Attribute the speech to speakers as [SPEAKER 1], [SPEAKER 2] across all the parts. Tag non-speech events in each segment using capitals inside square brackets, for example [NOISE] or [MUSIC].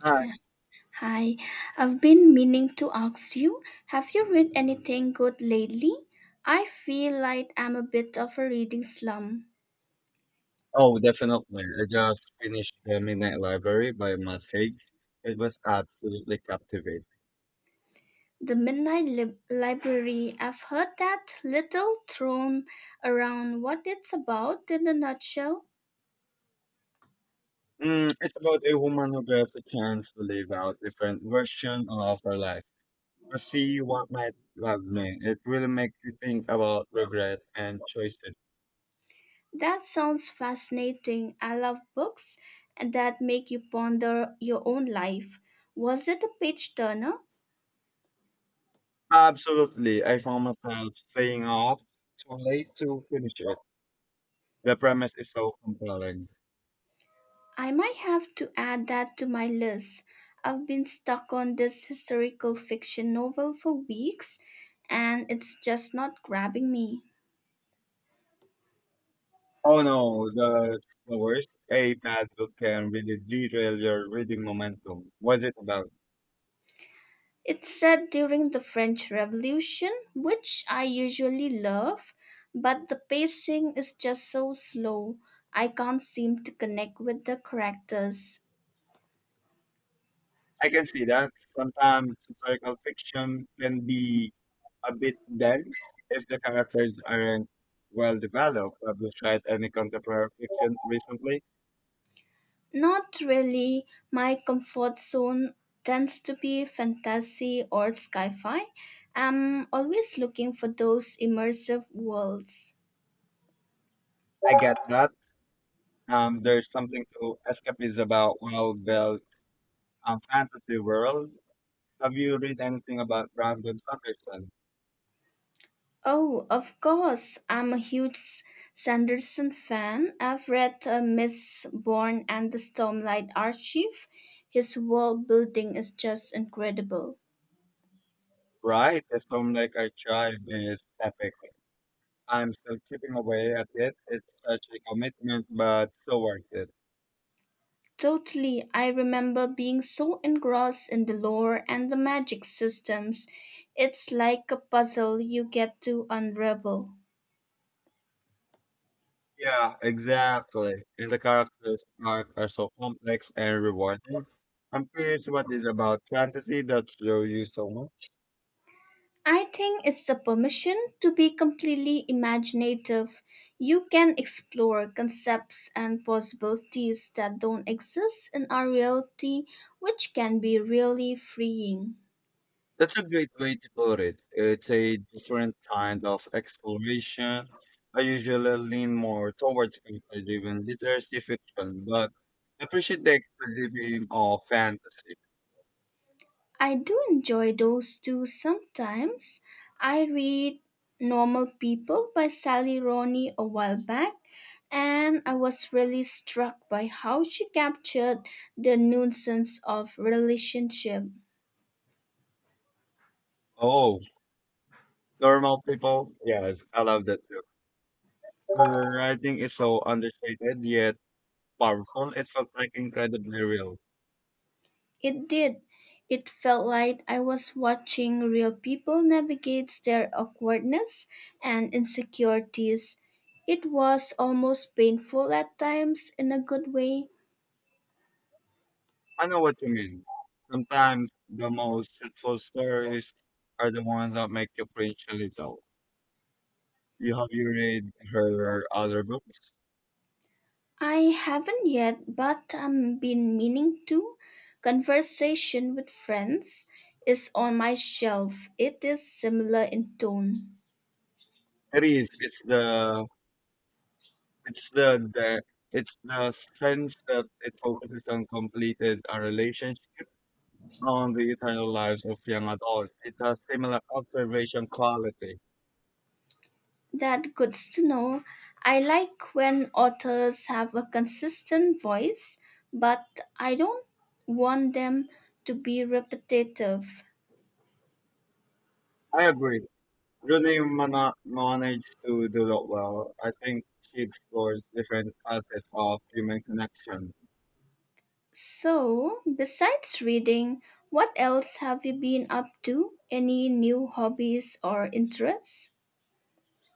[SPEAKER 1] Hi.
[SPEAKER 2] Hi, I've been meaning to ask you, have you read anything good lately? I feel like I'm a bit of a reading slump.
[SPEAKER 1] Oh, definitely. I just finished The Midnight Library by Matt Haig. It was absolutely captivating.
[SPEAKER 2] The Library, I've heard that little thrown around what it's about in a nutshell.
[SPEAKER 1] Mm, it's about a woman who gets a chance to live out different version of her life. To see what might have been. It really makes you think about regret and choices.
[SPEAKER 2] That sounds fascinating. I love books that make you ponder your own life. Was it a page turner?
[SPEAKER 1] Absolutely. I found myself staying up too late to finish it. The premise is so compelling.
[SPEAKER 2] I might have to add that to my list. I've been stuck on this historical fiction novel for weeks, and it's just not grabbing me.
[SPEAKER 1] Oh no, the worst. A bad book can really derail your reading momentum. What's it about?
[SPEAKER 2] It's set during the French Revolution, which I usually love, but the pacing is just so slow. I can't seem to connect with the characters.
[SPEAKER 1] I can see that. Sometimes historical fiction can be a bit dense if the characters aren't well developed. Have you tried any contemporary fiction recently?
[SPEAKER 2] Not really. My comfort zone tends to be fantasy or sci fi. I'm always looking for those immersive worlds.
[SPEAKER 1] I get that. There's something to escapism about well built fantasy world. Have you read anything about Brandon Sanderson?
[SPEAKER 2] Oh, of course, I'm a huge Sanderson fan. I've read Miss Bourne and the Stormlight Archive. His world building is just incredible.
[SPEAKER 1] Right, a storm like I Archive is epic. I'm still chipping away at it. It's such a commitment, but so worth it.
[SPEAKER 2] Totally. I remember being so engrossed in the lore and the magic systems. It's like a puzzle you get to unravel.
[SPEAKER 1] Yeah, exactly. And the characters arc are so complex and rewarding. I'm curious what is about fantasy that draws you so much.
[SPEAKER 2] I think it's the permission to be completely imaginative. You can explore concepts and possibilities that don't exist in our reality, which can be really freeing.
[SPEAKER 1] That's a great way to put it. It's a different kind of exploration. I usually lean more towards character-driven literacy fiction, but I appreciate the exposition of fantasy.
[SPEAKER 2] I do enjoy those too sometimes. I read Normal People by Sally Rooney a while back, and I was really struck by how she captured the nuisance of relationship.
[SPEAKER 1] Oh, normal people? Yes, I love that too. Her writing is so understated yet powerful. It felt like incredibly real.
[SPEAKER 2] It did. It felt like I was watching real people navigate their awkwardness and insecurities. It was almost painful at times in a good way.
[SPEAKER 1] I know what you mean. Sometimes the most truthful stories are the ones that make you cringe a little. You have you read her other books?
[SPEAKER 2] I haven't yet, but I've been meaning to. Conversation with Friends is on my shelf. It is similar in tone.
[SPEAKER 1] It is. It's the. the it's the sense that it focuses on completed a relationship on the eternal lives of young adults. It has similar observation quality.
[SPEAKER 2] That good to know. I like when authors have a consistent voice, but I don't want them to be repetitive.
[SPEAKER 1] I agree. Managed to do it well. I think she explores different facets of human connection.
[SPEAKER 2] So, besides reading, what else have you been up to? Any new hobbies or interests?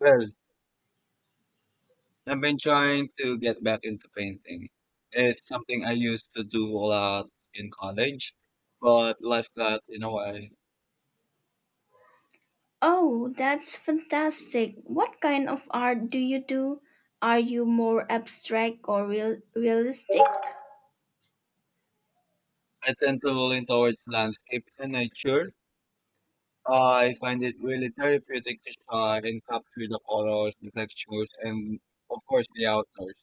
[SPEAKER 1] Well, I've been trying to get back into painting. It's something I used to do a lot in college, but life got in a way.
[SPEAKER 2] Oh, that's fantastic. What kind of art do you do? Are you more abstract or realistic?
[SPEAKER 1] I tend to lean towards landscapes and nature. I find it really therapeutic to try and capture the colors, the textures, and of course the outdoors.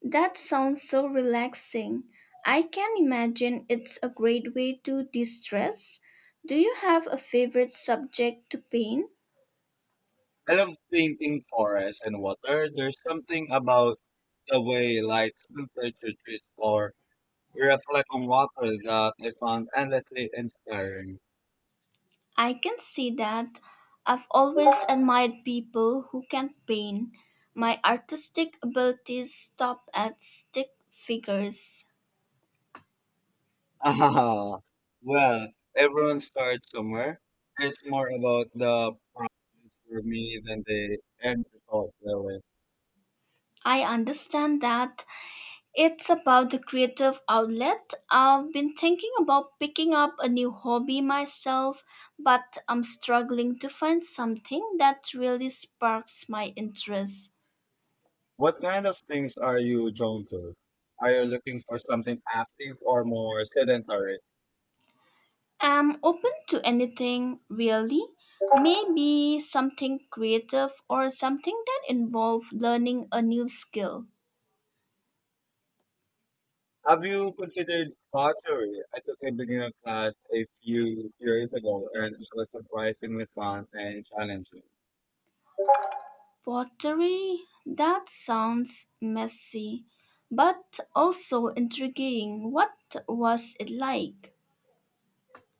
[SPEAKER 2] That sounds so relaxing. I can imagine it's a great way to de-stress. Do you have a favorite subject to paint?
[SPEAKER 1] I love painting forests and water. There's something about the way light filters through trees or reflect on water that I found endlessly inspiring. [LAUGHS]
[SPEAKER 2] I can see that. I've always admired people who can paint. My artistic abilities stop at stick figures.
[SPEAKER 1] Ah, well, everyone starts somewhere. It's more about the process for me than the end result, really.
[SPEAKER 2] I understand that. It's about the creative outlet. I've been thinking about picking up a new hobby myself, but I'm struggling to find something that really sparks my interest.
[SPEAKER 1] What kind of things are you drawn to? Are you looking for something active or more sedentary?
[SPEAKER 2] I'm open to anything, really. Maybe something creative or something that involves learning a new skill.
[SPEAKER 1] Have you considered pottery? I took a beginner class a few years ago and it was surprisingly fun and challenging.
[SPEAKER 2] Pottery? That sounds messy, but also intriguing. What was it like?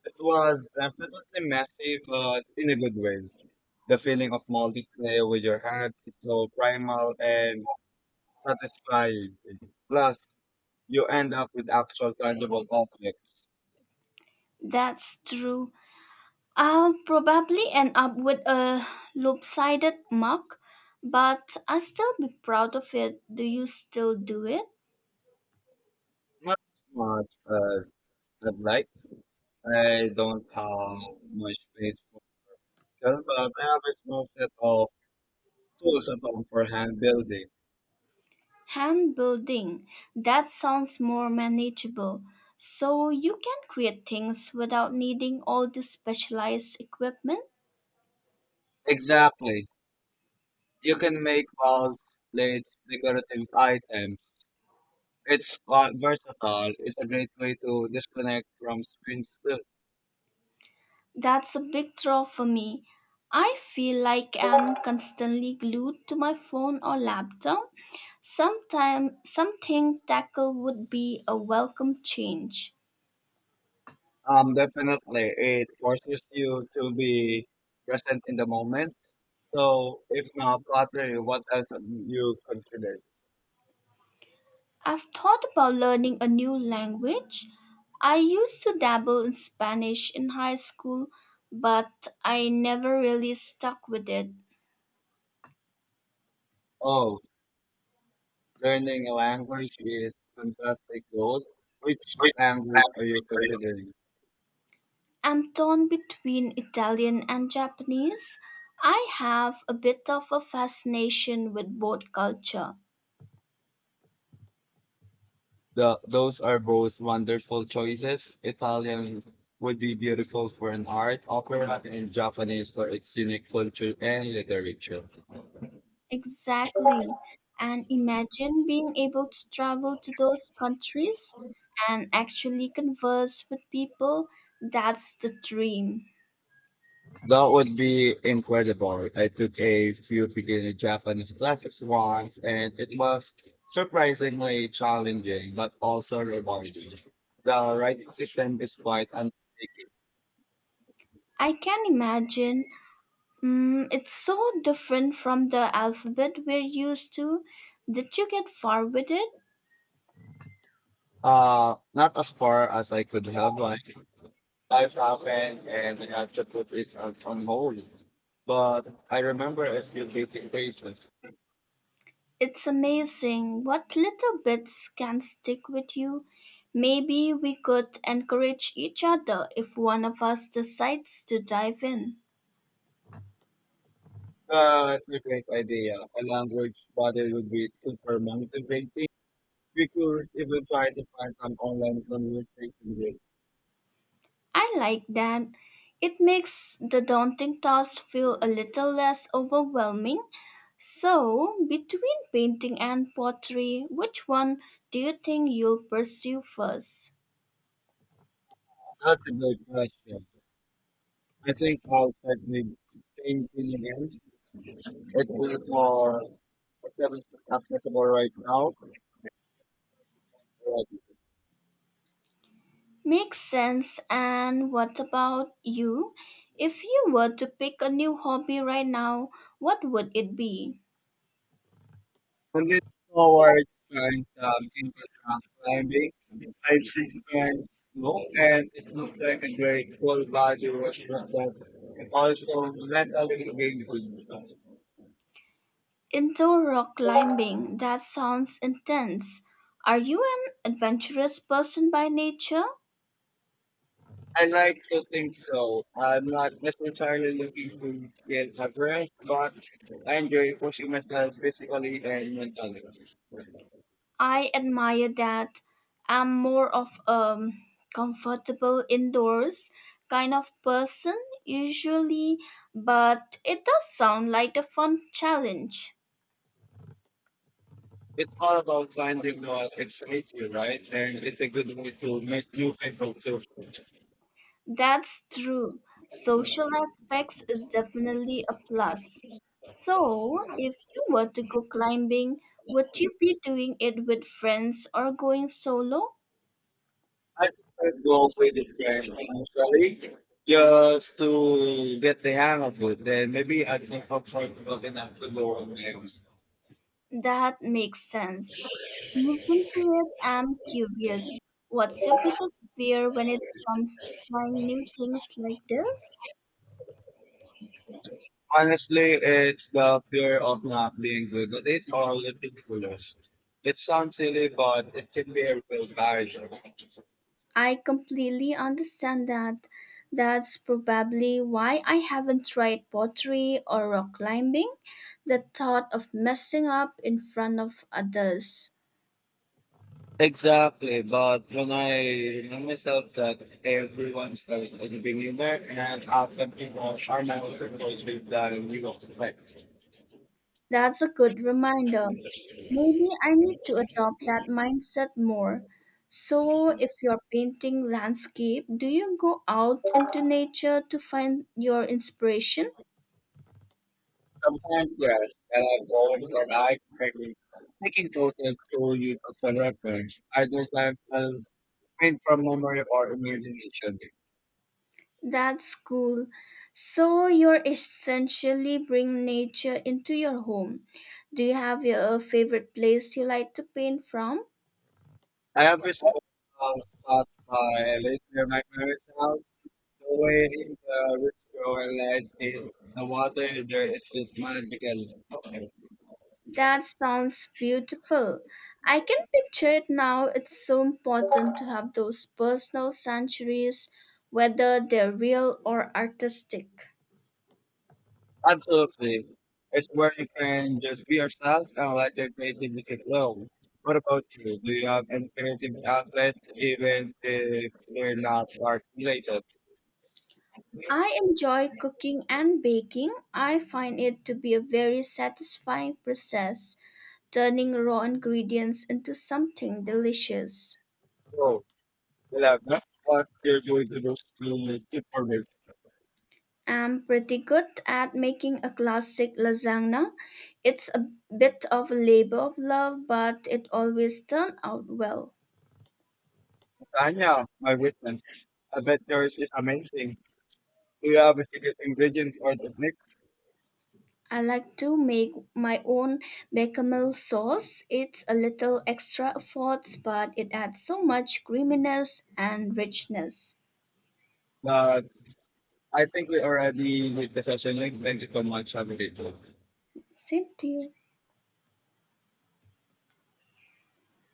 [SPEAKER 1] It was definitely messy, but in a good way. The feeling of molding clay with your hands is so primal and satisfying. Plus, you end up with actual tangible objects.
[SPEAKER 2] That's true. I'll probably end up with a lopsided mug, but I'll still be proud of it. Do you still do it?
[SPEAKER 1] Not much as I'd like. I don't have much space for it, but I have a small set of tools at home for hand building.
[SPEAKER 2] Hand building. That sounds more manageable. So you can create things without needing all this specialized equipment?
[SPEAKER 1] Exactly. You can make balls, plates, decorative items. It's versatile. It's a great way to disconnect from screens. Too.
[SPEAKER 2] That's a big draw for me. I feel like I'm constantly glued to my phone or laptop. Sometime something tackle would be a welcome change.
[SPEAKER 1] Definitely, it forces you to be present in the moment. So, if not pottery, what else have you consider?
[SPEAKER 2] I've thought about learning a new language. I used to dabble in Spanish in high school, but I never really stuck with it.
[SPEAKER 1] Oh, learning a language is fantastic goal. Which
[SPEAKER 2] Which
[SPEAKER 1] language are
[SPEAKER 2] language
[SPEAKER 1] you
[SPEAKER 2] are you?
[SPEAKER 1] considering?
[SPEAKER 2] I'm torn between Italian and Japanese. I have a bit of a fascination with both culture.
[SPEAKER 1] Those are both wonderful choices. Italian would be beautiful for an art opera, and Japanese for its unique culture and literature.
[SPEAKER 2] Exactly. And imagine being able to travel to those countries and actually converse with people. That's the dream.
[SPEAKER 1] That would be incredible. I took a few beginner Japanese classes once, and it was surprisingly challenging, but also rewarding. The writing system is quite undertaking.
[SPEAKER 2] I can imagine. Mm, it's so different from the alphabet we're used to. Did you get far with it?
[SPEAKER 1] Not as far as I could have like life happened, and I had to put it on hold. But I remember a few basic phrases.
[SPEAKER 2] It's amazing what little bits can stick with you. Maybe we could encourage each other if one of us decides to dive in.
[SPEAKER 1] That's a great idea. A language body would be super motivating. We could even try to find some online conversation with.
[SPEAKER 2] I like that. It makes the daunting task feel a little less overwhelming. So, between painting and pottery, which one do you think you'll pursue first?
[SPEAKER 1] That's a good question. I think I'll start with paying billion ends. It's a bit more accessible accessible right now.
[SPEAKER 2] Makes sense. And what about you? If you were to pick a new hobby right now, what would it be?
[SPEAKER 1] I'm looking forward to trying something rock climbing. I've seen friends snow, and it looks like a great full body workout that also mentally engaging.
[SPEAKER 2] Indoor rock climbing. That sounds intense. Are you an adventurous person by nature?
[SPEAKER 1] I like to think so. I'm not necessarily looking to get Everest, but I enjoy pushing myself physically and mentally.
[SPEAKER 2] I admire that. I'm more of a comfortable indoors kind of person usually, but it does sound like a fun challenge.
[SPEAKER 1] It's all about finding what excites you, right? And it's a good way to make new people too.
[SPEAKER 2] That's true. Social aspects is definitely a plus. So, if you were to go climbing, would you be doing it with friends or going solo?
[SPEAKER 1] I prefer to go with it initially just to get the hang of it. Then maybe I think comfortable enough to go on games.
[SPEAKER 2] That makes sense. Listen to it. I'm curious. What's your biggest fear when it comes to trying new things like this?
[SPEAKER 1] Honestly, it's the fear of not being good at it or ridiculous. It sounds silly, but it can be a real barrier.
[SPEAKER 2] I completely understand that. That's probably why I haven't tried pottery or rock climbing. The thought of messing up in front of others.
[SPEAKER 1] Exactly, but when I remind myself that everyone's felt as a beginner and often people are more supportive than you expect.
[SPEAKER 2] That's a good reminder. Maybe I need to adopt that mindset more. So, if you're painting landscape, do you go out into nature to find your inspiration?
[SPEAKER 1] Sometimes, yes, and I have old and I quickly taking photos to use as a reference. Other times, I'll print from memory or imagination.
[SPEAKER 2] That's cool. So, you're essentially bringing nature into your home. Do you have your favorite place you like to paint from?
[SPEAKER 1] I have this um, spot by later my parents' house. The way the rich girl lights in the water, in there is just magical.
[SPEAKER 2] That sounds beautiful. I can picture it now. It's so important to have those personal sanctuaries, whether they're real or artistic.
[SPEAKER 1] Absolutely. It's where you can just be yourself and let your creativity flow. What about you? Do you have any creative outlets even if they're not art related?
[SPEAKER 2] I enjoy cooking and baking. I find it to be a very satisfying process, turning raw ingredients into something delicious.
[SPEAKER 1] So, we have that. What you're going to do to keep for me.
[SPEAKER 2] I'm pretty good at making a classic lasagna. It's a bit of a labor of love, but it always turns out well.
[SPEAKER 1] Tanya, my witness, I bet yours is amazing. Do you have a secret ingredient or techniques?
[SPEAKER 2] I like to make my own bechamel sauce. It's a little extra effort, but it adds so much creaminess and richness.
[SPEAKER 1] But I think we already did the session link. Thank you so much. Have
[SPEAKER 2] Same to you.